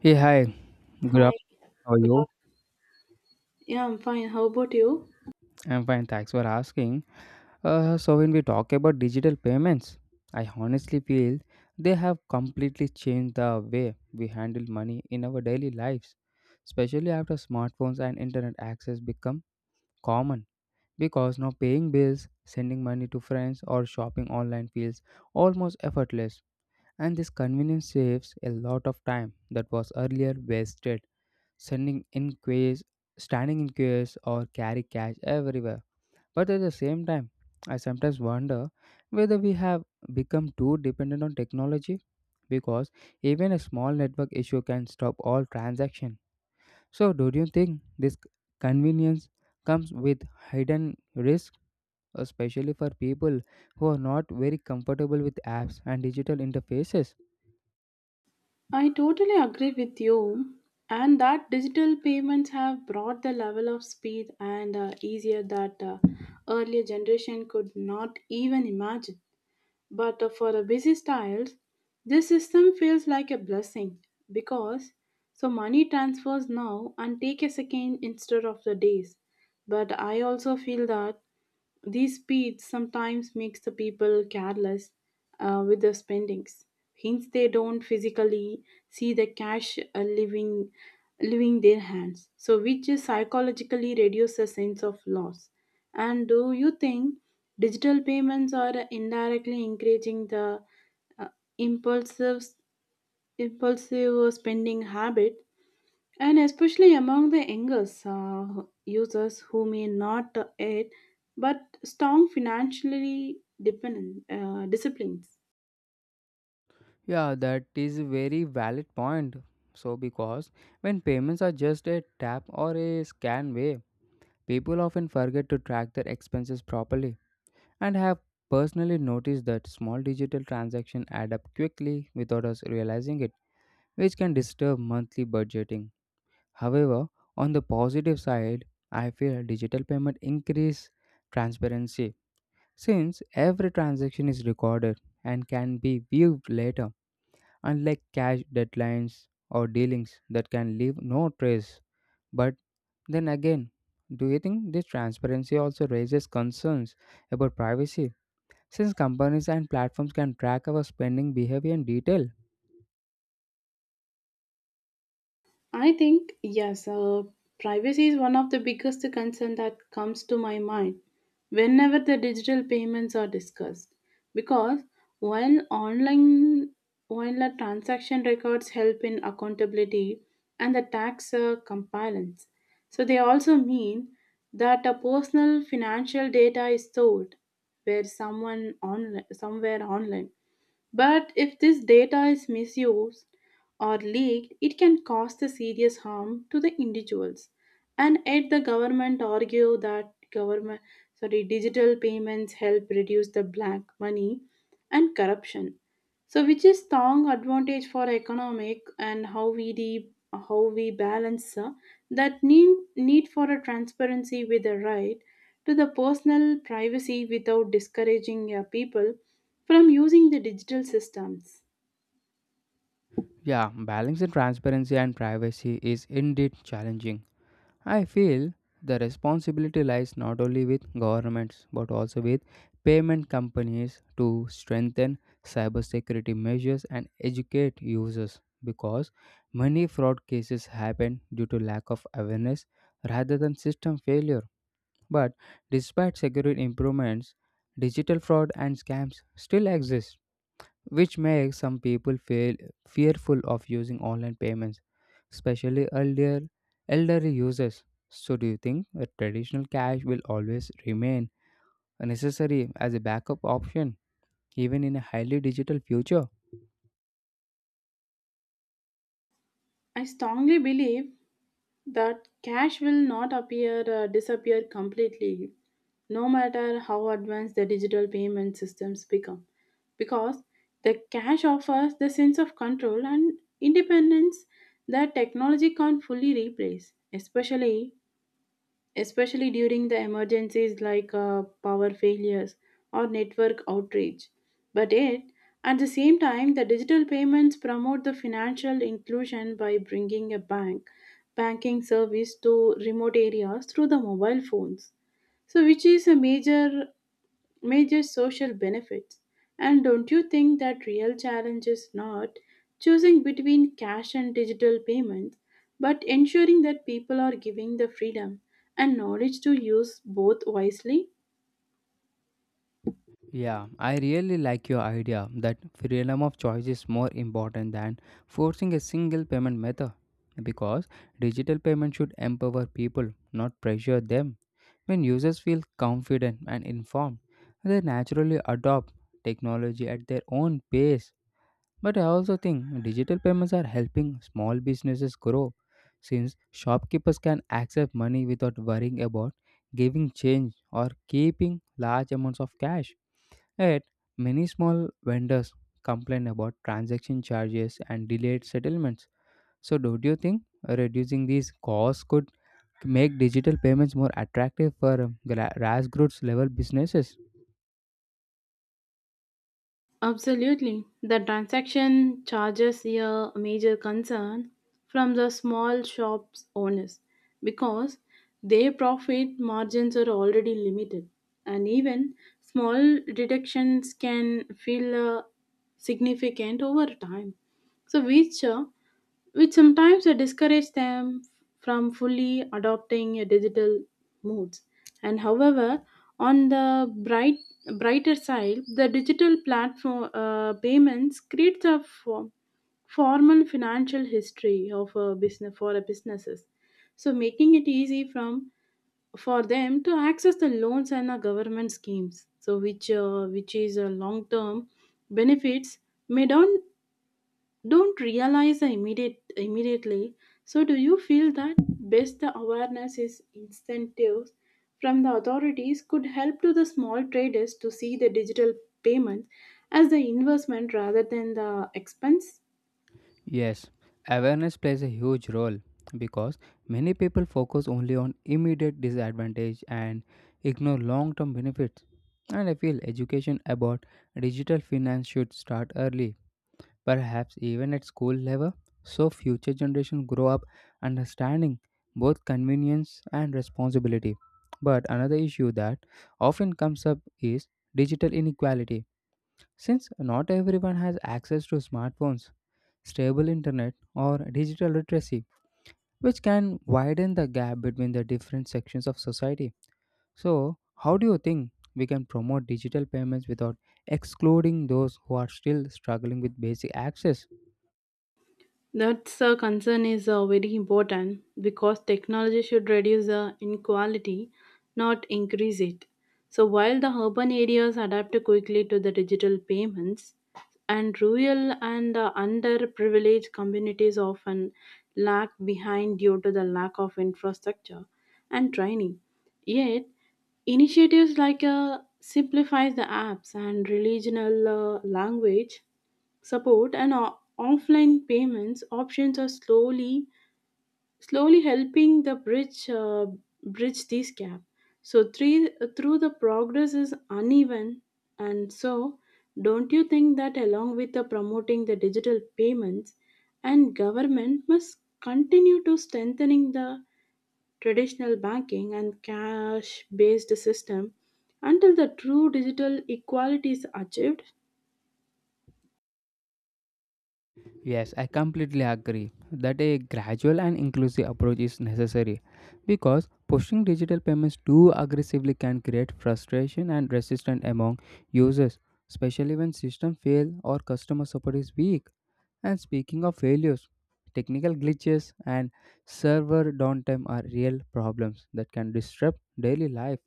Hey, hi. Good Hi, afternoon. How are good you? afternoon. Yeah, I'm fine. How about you? I'm fine. Thanks for asking. So, when we talk about digital payments, I honestly feel they have completely changed the way we handle money in our daily lives, especially after smartphones and internet access become common. Because now paying bills, sending money to friends, or shopping online feels almost effortless. And this convenience saves a lot of time that was earlier wasted sending in queues, standing in queues, or carry cash everywhere. But at the same time, I sometimes wonder whether we have become too dependent on technology because even a small network issue can stop all transaction. So, do you think this convenience comes with hidden risk, especially for people who are not very comfortable with apps and digital interfaces? I totally agree with you. And that digital payments have brought the level of speed and easier that earlier generation could not even imagine. But for the busy styles, this system feels like a blessing because so money transfers now and take a second instead of the days. But I also feel that these speeds sometimes makes the people careless with their spendings. Hence, they don't physically see the cash leaving their hands. So, which is psychologically reduces the sense of loss. And do you think digital payments are indirectly encouraging the uh, impulsive impulsive spending habit and especially among the younger users who may not aid but strong financially dependent disciplines. Yeah, that is a very valid point. So, because when payments are just a tap or a scan way, people often forget to track their expenses properly and have personally noticed that small digital transactions add up quickly without us realizing it, which can disturb monthly budgeting. However, on the positive side, I feel digital payment increase transparency since every transaction is recorded and can be viewed later unlike cash deadlines or dealings that can leave no trace. But then again, do you think this transparency also raises concerns about privacy since companies and platforms can track our spending behavior in detail? I think, yes, privacy is one of the biggest concern that comes to my mind whenever the digital payments are discussed. Because while online while the transaction records help in accountability and the tax compliance, so they also mean that a personal financial data is stored where someone online somewhere online but if this data is misused or leaked, it can cause the serious harm to the individuals. And yet the government argue that government sorry digital payments help reduce the black money and corruption. So which is strong advantage for economic and how we de- how we balance that need for a transparency with the right to the personal privacy without discouraging people from using the digital systems. Yeah, balancing transparency and privacy is indeed challenging. I feel the responsibility lies not only with governments but also with payment companies to strengthen cybersecurity measures and educate users because many fraud cases happen due to lack of awareness rather than system failure. But despite security improvements, digital fraud and scams still exist which makes some people feel fearful of using online payments, especially elderly users. So, do you think that traditional cash will always remain necessary as a backup option, even in a highly digital future? I strongly believe that cash will not appear disappear completely no matter how advanced the digital payment systems become because the cash offers the sense of control and independence that technology can't fully replace especially especially during the emergencies like power failures or network outage. But yet, at the same time, the digital payments promote the financial inclusion by bringing a bank banking service to remote areas through the mobile phones. So, which is a major major social benefits. And don't you think that real challenge is not choosing between cash and digital payments, but ensuring that people are giving the freedom and knowledge to use both wisely? Yeah, I really like your idea that freedom of choice is more important than forcing a single payment method because digital payment should empower people, not pressure them. When users feel confident and informed, they naturally adopt technology at their own pace. But I also think digital payments are helping small businesses grow since shopkeepers can accept money without worrying about giving change or keeping large amounts of cash. Yet, many small vendors complain about transaction charges and delayed settlements. So, do you think reducing these costs could make digital payments more attractive for grassroots level businesses? Absolutely. The transaction charges a major concern from the small shops owners because their profit margins are already limited and even small deductions can feel significant over time. So which sometimes discourage them from fully adopting digital modes. And however, on the bright brighter side, the digital platform payments creates a form, formal financial history of a business for a businesses, so making it easy from for them to access the loans and the government schemes. So which is a long term benefits may not don't realize the immediate immediately so do you feel that best the awareness is incentives from the authorities could help to the small traders to see the digital payment as the investment rather than the expense. Yes, awareness plays a huge role because many people focus only on immediate disadvantage and ignore long term benefits. And I feel education about digital finance should start early perhaps even at school level, so future generations grow up understanding both convenience and responsibility. But another issue that often comes up is digital inequality. Since not everyone has access to smartphones, stable internet, or digital literacy, which can widen the gap between the different sections of society. So, how do you think we can promote digital payments without excluding those who are still struggling with basic access? That concern is very important because technology should reduce the inequality, not increase it. So, while the urban areas adapt quickly to the digital payments, and rural and underprivileged communities often lag behind due to the lack of infrastructure and training. Yet, initiatives like Simplifies the apps and regional language support and o- offline payments options are slowly helping the bridge bridge this gap so three, through the progress is uneven and so don't you think that along with the promoting the digital payments and government must continue to strengthening the traditional banking and cash based system until the true digital equality is achieved. Yes, I completely agree that a gradual and inclusive approach is necessary because pushing digital payments too aggressively can create frustration and resistance among users, especially when systems fail or customer support is weak. And speaking of failures, technical glitches and server downtime are real problems that can disrupt daily life,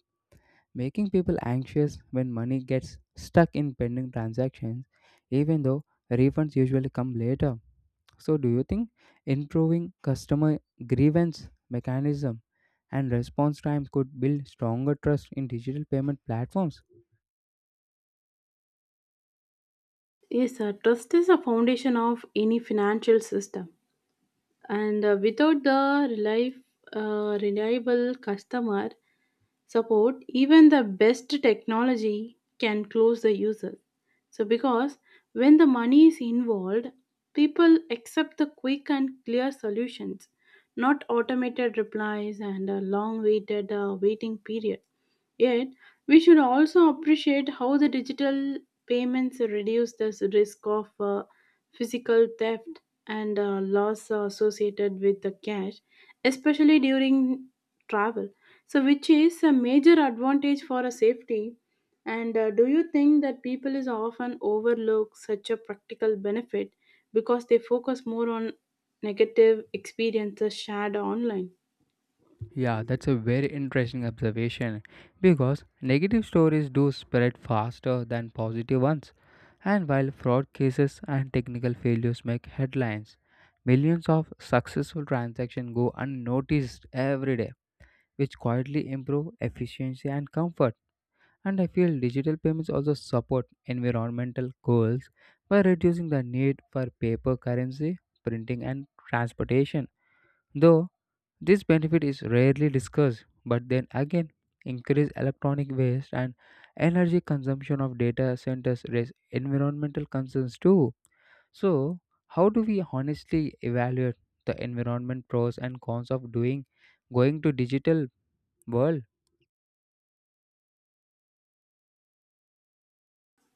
making people anxious when money gets stuck in pending transactions, even though refunds usually come later. So, do you think improving customer grievance mechanism and response time could build stronger trust in digital payment platforms? Yes, sir. Trust is a foundation of any financial system, and without the relief, reliable customer support, even the best technology can close the user. So, because when the money is involved, people accept the quick and clear solutions, not automated replies and a long waited waiting period. Yet, we should also appreciate how the digital payments reduce the risk of physical theft and loss associated with the cash, especially during travel. So, which is a major advantage for a safety. And do you think that people is often overlook such a practical benefit because they focus more on negative experiences shared online? Yeah, that's a very interesting observation because negative stories do spread faster than positive ones. And while fraud cases and technical failures make headlines, millions of successful transactions go unnoticed every day, which quietly improve efficiency and comfort. And I feel digital payments also support environmental goals by reducing the need for paper currency, printing, and transportation. Though this benefit is rarely discussed, but then again, increased electronic waste and energy consumption of data centers raise environmental concerns too. So, how do we honestly evaluate the environment pros and cons of doing going to digital world?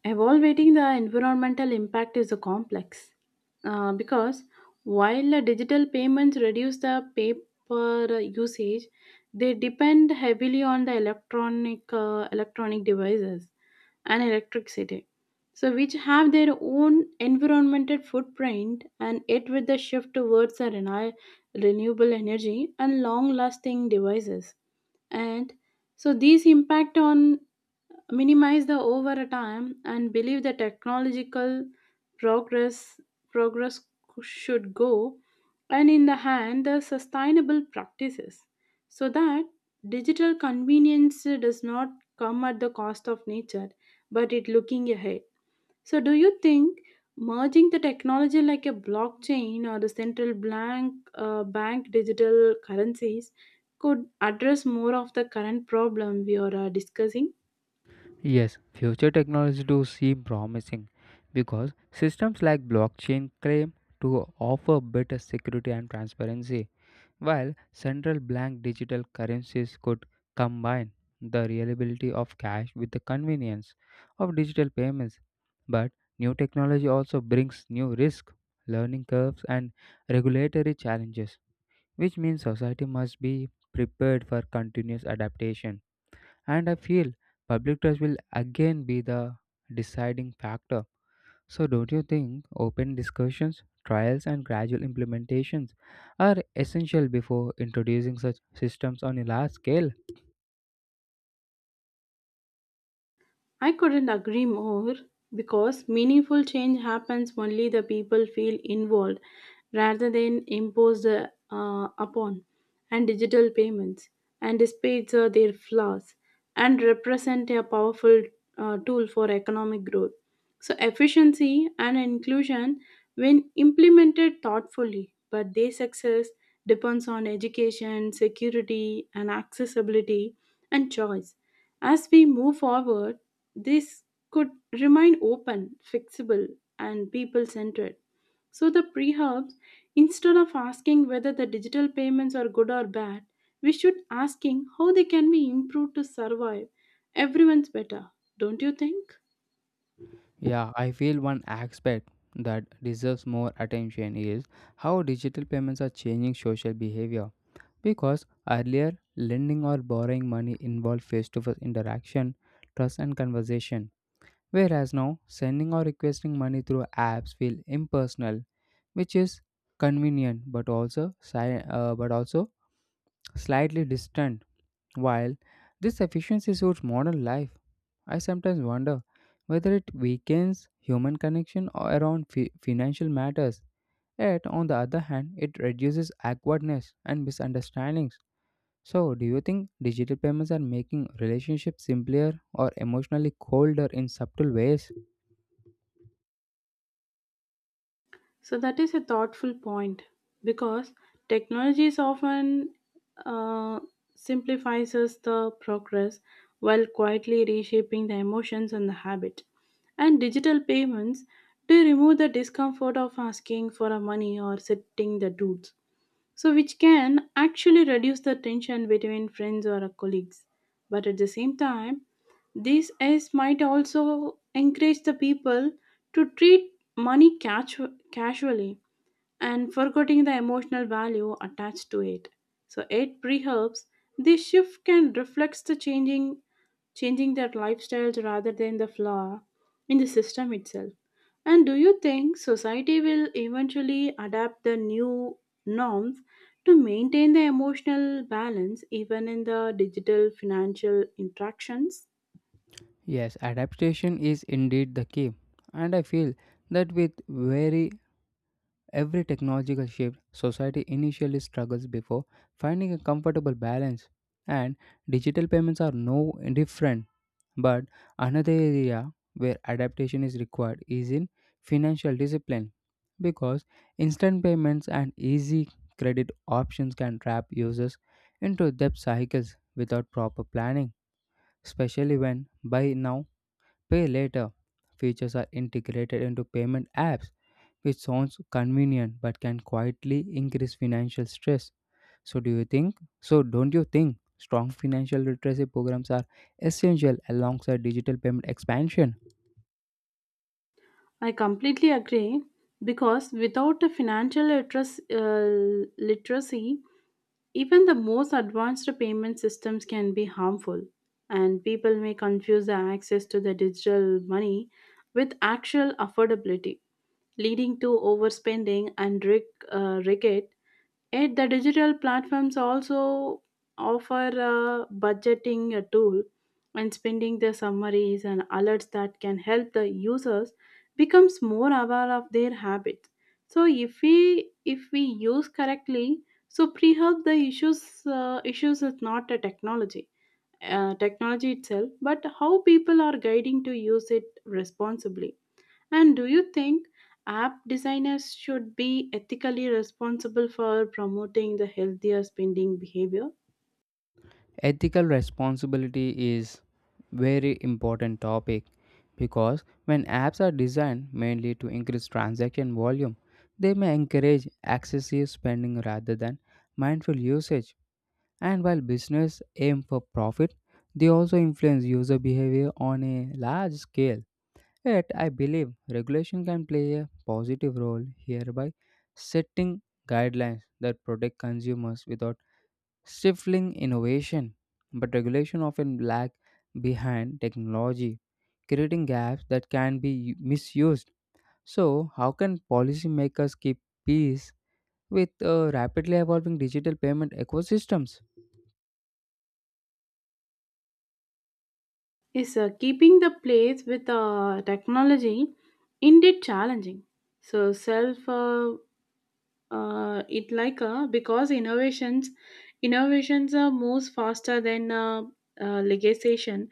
Evaluating the environmental impact is a complex because while the digital payments reduce the paper usage, they depend heavily on the electronic electronic devices and electricity, so which have their own environmental footprint. And it with the shift towards the reni- renewable energy and long-lasting devices, and so these impact on minimize the over time and believe the technological progress progress should go and in the hand the sustainable practices so that digital convenience does not come at the cost of nature but it looking ahead so do you think merging the technology like a blockchain or the central blank bank digital currencies could address more of the current problem we are discussing. Yes, future technology do seem promising because systems like blockchain claim to offer better security and transparency, while central bank digital currencies could combine the reliability of cash with the convenience of digital payments. But new technology also brings new risk, learning curves, and regulatory challenges, which means society must be prepared for continuous adaptation. And I feel public trust will again be the deciding factor. So, don't you think open discussions, trials, and gradual implementations are essential before introducing such systems on a large scale? I couldn't agree more because meaningful change happens only the people feel involved rather than imposed upon. And digital payments and despite their flaws and represent a powerful tool for economic growth. So efficiency and inclusion when implemented thoughtfully, but their success depends on education, security and accessibility and choice as we move forward, this could remain open, flexible, and people centered. So, the prehubs, instead of asking whether the digital payments are good or bad, we should asking how they can be improved to survive everyone's better, don't you think? Yeah, I feel one aspect that deserves more attention is how digital payments are changing social behavior. Because earlier, lending or borrowing money involved face to face interaction, trust, and conversation. Whereas now, sending or requesting money through apps feel impersonal, which is convenient but but also slightly distant. While this efficiency suits modern life, I sometimes wonder whether it weakens human connection or around financial matters. Yet, on the other hand, it reduces awkwardness and misunderstandings. So, do you think digital payments are making relationships simpler or emotionally colder in subtle ways? So that is a thoughtful point because technology is often uh, simplifies us the progress while quietly reshaping the emotions and the habit. And digital payments do remove the discomfort of asking for a money or setting the dues. So, which can actually reduce the tension between friends or colleagues. But at the same time, this is might also encourage the people to treat money casu- casually and forgetting the emotional value attached to it. So it perhaps this shift can reflect the changing their lifestyles rather than the flaw in the system itself. And do you think society will eventually adapt the new norms to maintain the emotional balance even in the digital financial interactions? Yes, adaptation is indeed the key, and I feel that with very Every technological shift, society initially struggles before finding a comfortable balance, and digital payments are no different. But another area where adaptation is required is in financial discipline because instant payments and easy credit options can trap users into debt cycles without proper planning, especially when buy now, pay later features are integrated into payment apps which sounds convenient but can quietly increase financial stress. So, do you think? So, don't you think strong financial literacy programs are essential alongside digital payment expansion? I completely agree because without a financial literacy, literacy even the most advanced payment systems can be harmful, and people may confuse the access to the digital money with actual affordability, leading to overspending and rig- rigged. Yet, the digital platforms also offer a budgeting a tool and spending the summaries and alerts that can help the users becomes more aware of their habits. So, if we use correctly, so pre-health, the issues issues is not a technology, technology itself, but how people are guiding to use it responsibly. And do you think app designers should be ethically responsible for promoting the healthier spending behavior? Ethical responsibility is very important topic because when apps are designed mainly to increase transaction volume, they may encourage excessive spending rather than mindful usage. And while business aim for profit, they also influence user behavior on a large scale. Yet, I believe regulation can play a positive role here by setting guidelines that protect consumers without stifling innovation. But regulation often lag behind technology, creating gaps that can be misused. So, how can policymakers keep pace with rapidly evolving digital payment ecosystems? Is keeping the place with technology indeed challenging? So self it like because innovations moves faster than legislation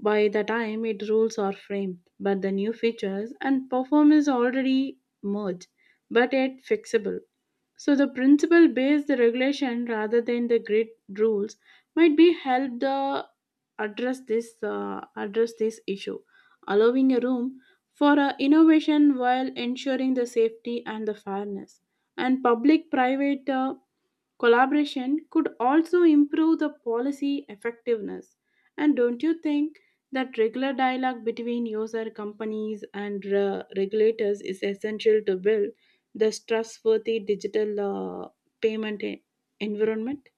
by the time it rules are framed but the new features and performance already merged but yet fixable so the principle based the regulation rather than the grid rules might be help the address this issue, allowing a room for innovation while ensuring the safety and the fairness. And public private collaboration could also improve the policy effectiveness. And don't you think that regular dialogue between user companies and regulators is essential to build the trustworthy digital payment e- environment?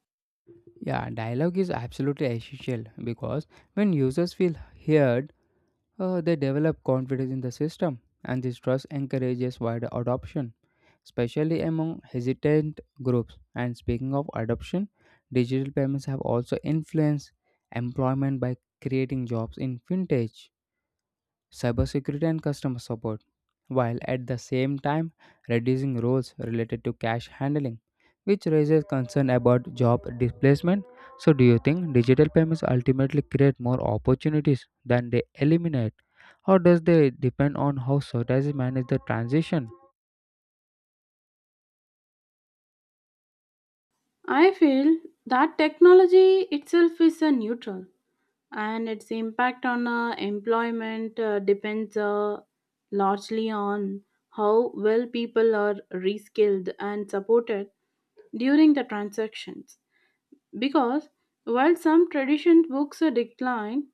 Yeah, dialogue is absolutely essential because when users feel heard, they develop confidence in the system, and this trust encourages wider adoption, especially among hesitant groups. And speaking of adoption, digital payments have also influenced employment by creating jobs in fintech, cybersecurity, and customer support, while at the same time reducing roles related to cash handling, which raises concern about job displacement. So, do you think digital payments ultimately create more opportunities than they eliminate? Or does they depend on how societies manage the transition? I feel that technology itself is a neutral and its impact on employment depends largely on how well people are reskilled and supported during the transactions. Because while some tradition books are decline,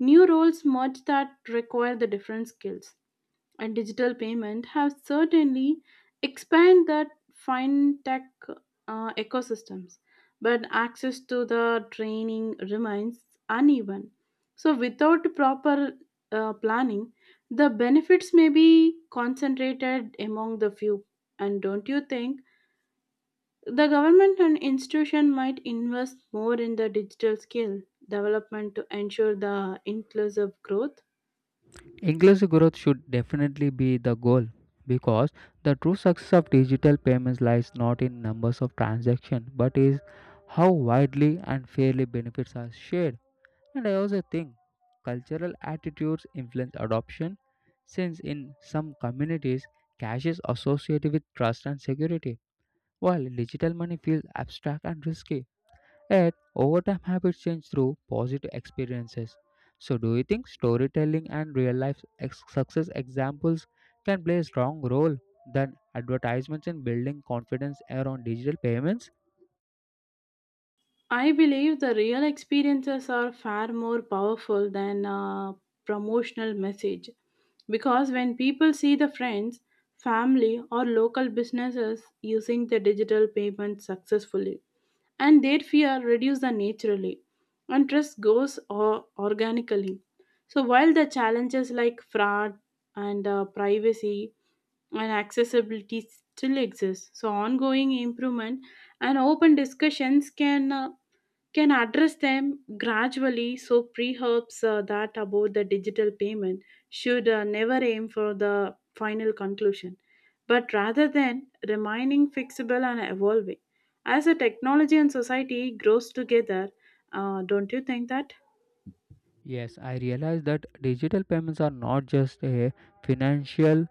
new roles merge that require the different skills, and digital payment have certainly expanded that fintech ecosystems, but access to the training remains uneven. So without proper planning, the benefits may be concentrated among the few. And don't you think the government and institution might invest more in the digital skill development to ensure the inclusive growth. Inclusive growth should definitely be the goal because the true success of digital payments lies not in numbers of transactions but is how widely and fairly benefits are shared. And I also think cultural attitudes influence adoption, since in some communities, cash is associated with trust and security, while digital money feels abstract and risky. Yet, over time, habits change through positive experiences. So, do you think storytelling and real life success examples can play a strong role than advertisements in building confidence around digital payments? I believe the real experiences are far more powerful than a promotional message because when people see the friends, family, or local businesses using the digital payment successfully, and their fear reduces naturally and trust goes o- organically so while the challenges like fraud and privacy and accessibility still exist so ongoing improvement and open discussions can address them gradually so perhaps that about the digital payment should never aim for the final conclusion but rather than remaining fixable and evolving as a technology and society grows together don't you think that Yes, I realize that digital payments are not just a financial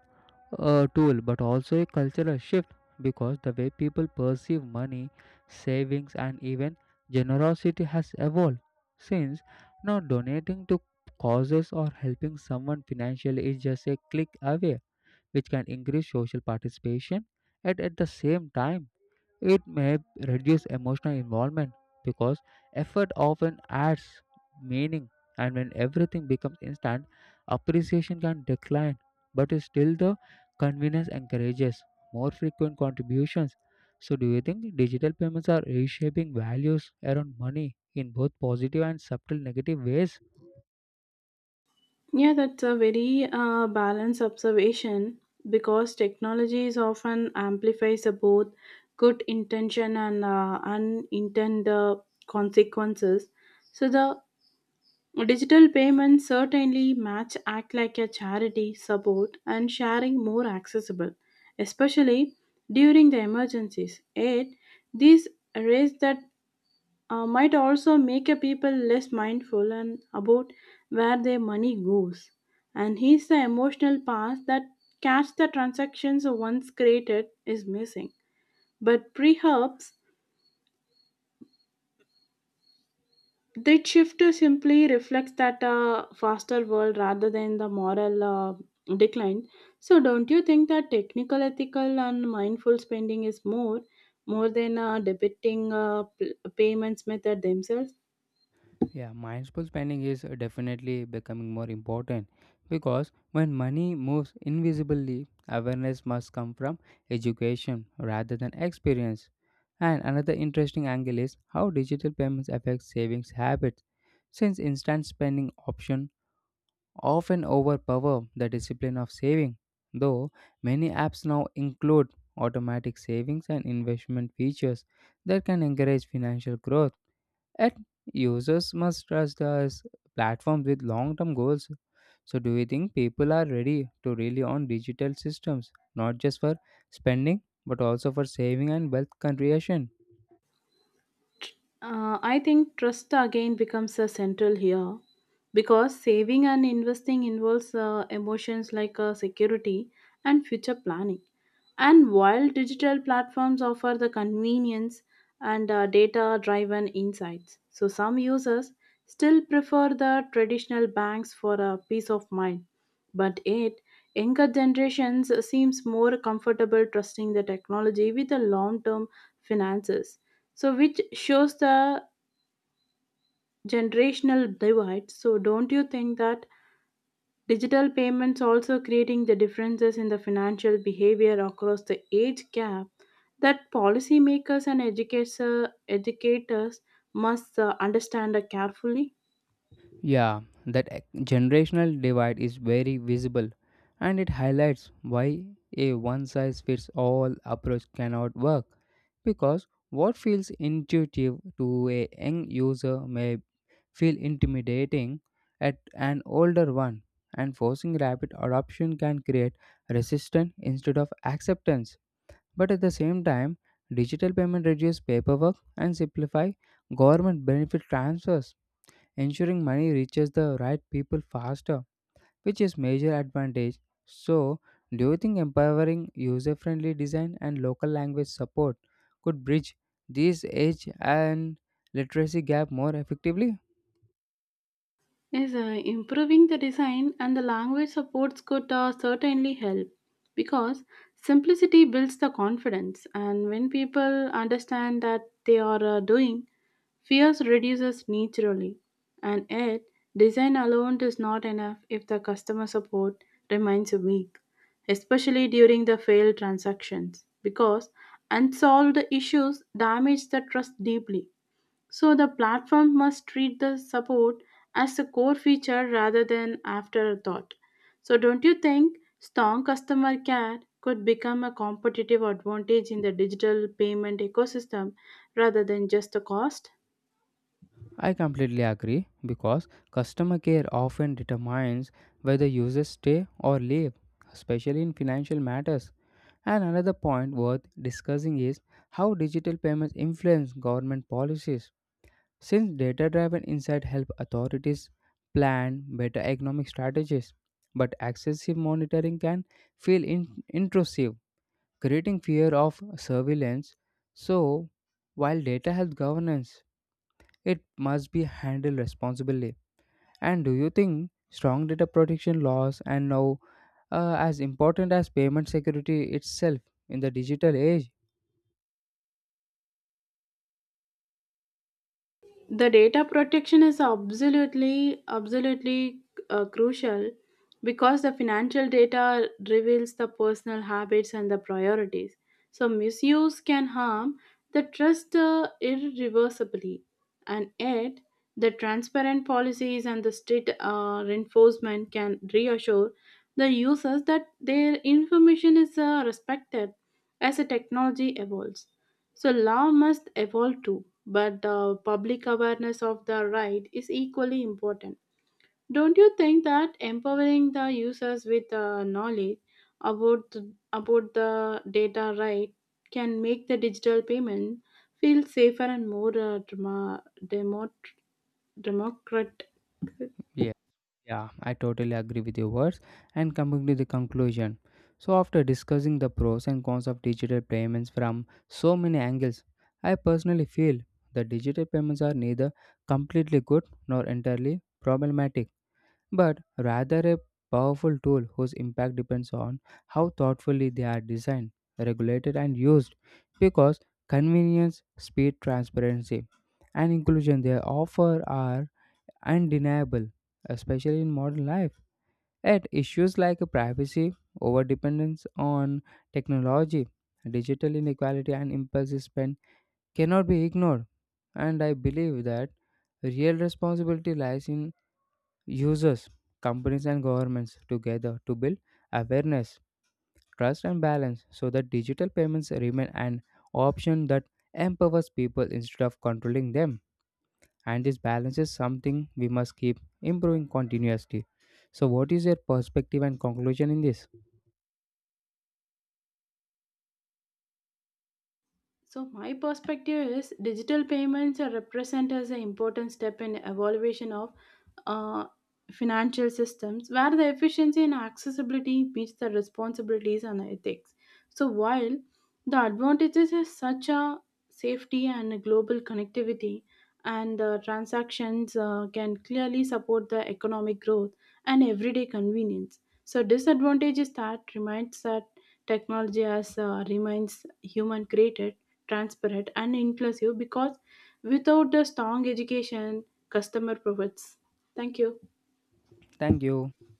a tool but also a cultural shift because the way people perceive money, savings, and even generosity has evolved. Since now donating to causes or helping someone financially is just a click away, which can increase social participation and at the same time it may reduce emotional involvement because effort often adds meaning, and when everything becomes instant, appreciation can decline. But still, the convenience encourages more frequent contributions. So, do you think digital payments are reshaping values around money in both positive and subtle negative ways? yeah that's a very balanced observation because technology is often amplifies both good intention and unintended consequences so the digital payments certainly match act like a charity support and sharing more accessible, especially during the emergencies. Yet, these raise that might also make a people less mindful and about where their money goes. And here's the emotional part that cash the transactions once created is missing. But perhaps that shift simply reflects that faster world rather than the moral decline. So, don't you think that technical, ethical, and mindful spending is more, more than debiting p- payments method themselves? Yeah, mindful spending is definitely becoming more important because when money moves invisibly, awareness must come from education rather than experience. And another interesting angle is how digital payments affect savings habits, since instant spending options often overpower the discipline of saving. Though many apps now include automatic savings and investment features that can encourage financial growth. And users must trust us platforms with long-term goals. So do you think people are ready to rely on digital systems, not just for spending, but also for saving and wealth creation? I think trust again becomes a central here because saving and investing involves emotions like security and future planning. And while digital platforms offer the convenience and data driven insights, so some users still prefer the traditional banks for a peace of mind. But yet, younger generations seems more comfortable trusting the technology with the long term finances so, which shows the generational divide. So, don't you think that digital payments also creating the differences in the financial behavior across the age gap that policymakers and educator, educators must understand carefully? Yeah, that generational divide is very visible and it highlights why a one size fits all approach cannot work because what feels intuitive to a young user may feel intimidating at an older one, and forcing rapid adoption can create resistance instead of acceptance. But at the same time, digital payment reduce paperwork and simplify government benefit transfers, ensuring money reaches the right people faster, which is major advantage. So, do you think empowering user-friendly design and local language support could bridge this age and literacy gap more effectively? Yes, improving the design and the language supports could certainly help because simplicity builds the confidence, and when people understand that they are doing fears reduces naturally, and yet design alone is not enough if the customer support remains weak, especially during the failed transactions, because unsolved issues damage the trust deeply. So the platform must treat the support as a core feature rather than afterthought. So don't you think strong customer care could become a competitive advantage in the digital payment ecosystem rather than just a cost? I completely agree because customer care often determines whether users stay or leave, especially in financial matters. And another point worth discussing is how digital payments influence government policies. Since data driven insight help authorities plan better economic strategies, but excessive monitoring can feel intrusive, creating fear of surveillance. So, while data helps governance, it must be handled responsibly. And do you think strong data protection laws and now as important as payment security itself in the digital age? The data protection is absolutely crucial because the financial data reveals the personal habits and the priorities so misuse can harm the trust irreversibly and yet the transparent policies and the strict reinforcement can reassure the users that their information is respected as the technology evolves so law must evolve too, but the public awareness of the right is equally important. Don't you think that empowering the users with knowledge about th- about the data right can make the digital payment feel safer and more democratic? Yeah, yeah, I totally agree with your words. And coming to the conclusion. So after discussing the pros and cons of digital payments from so many angles, I personally feel that digital payments are neither completely good nor entirely problematic but rather a powerful tool whose impact depends on how thoughtfully they are designed, regulated, and used. Because convenience, speed, transparency, and inclusion they offer are undeniable, especially in modern life. Yet, issues like privacy, overdependence on technology, digital inequality, and impulsive spend cannot be ignored. And I believe that real responsibility lies in users, companies, and governments together to build awareness, trust, and balance so that digital payments remain an option that empowers people instead of controlling them. And this balance is something we must keep improving continuously. So, what is your perspective and conclusion in this? So my perspective is digital payments are represent as an important step in evaluation of uh, financial systems where the efficiency and accessibility meets the responsibilities and ethics. So while the advantages is such a safety and global connectivity and the transactions can clearly support the economic growth and everyday convenience so disadvantage is that reminds that technology as remains human created, transparent, and inclusive because without the strong education, customer profits. Thank you. Thank you.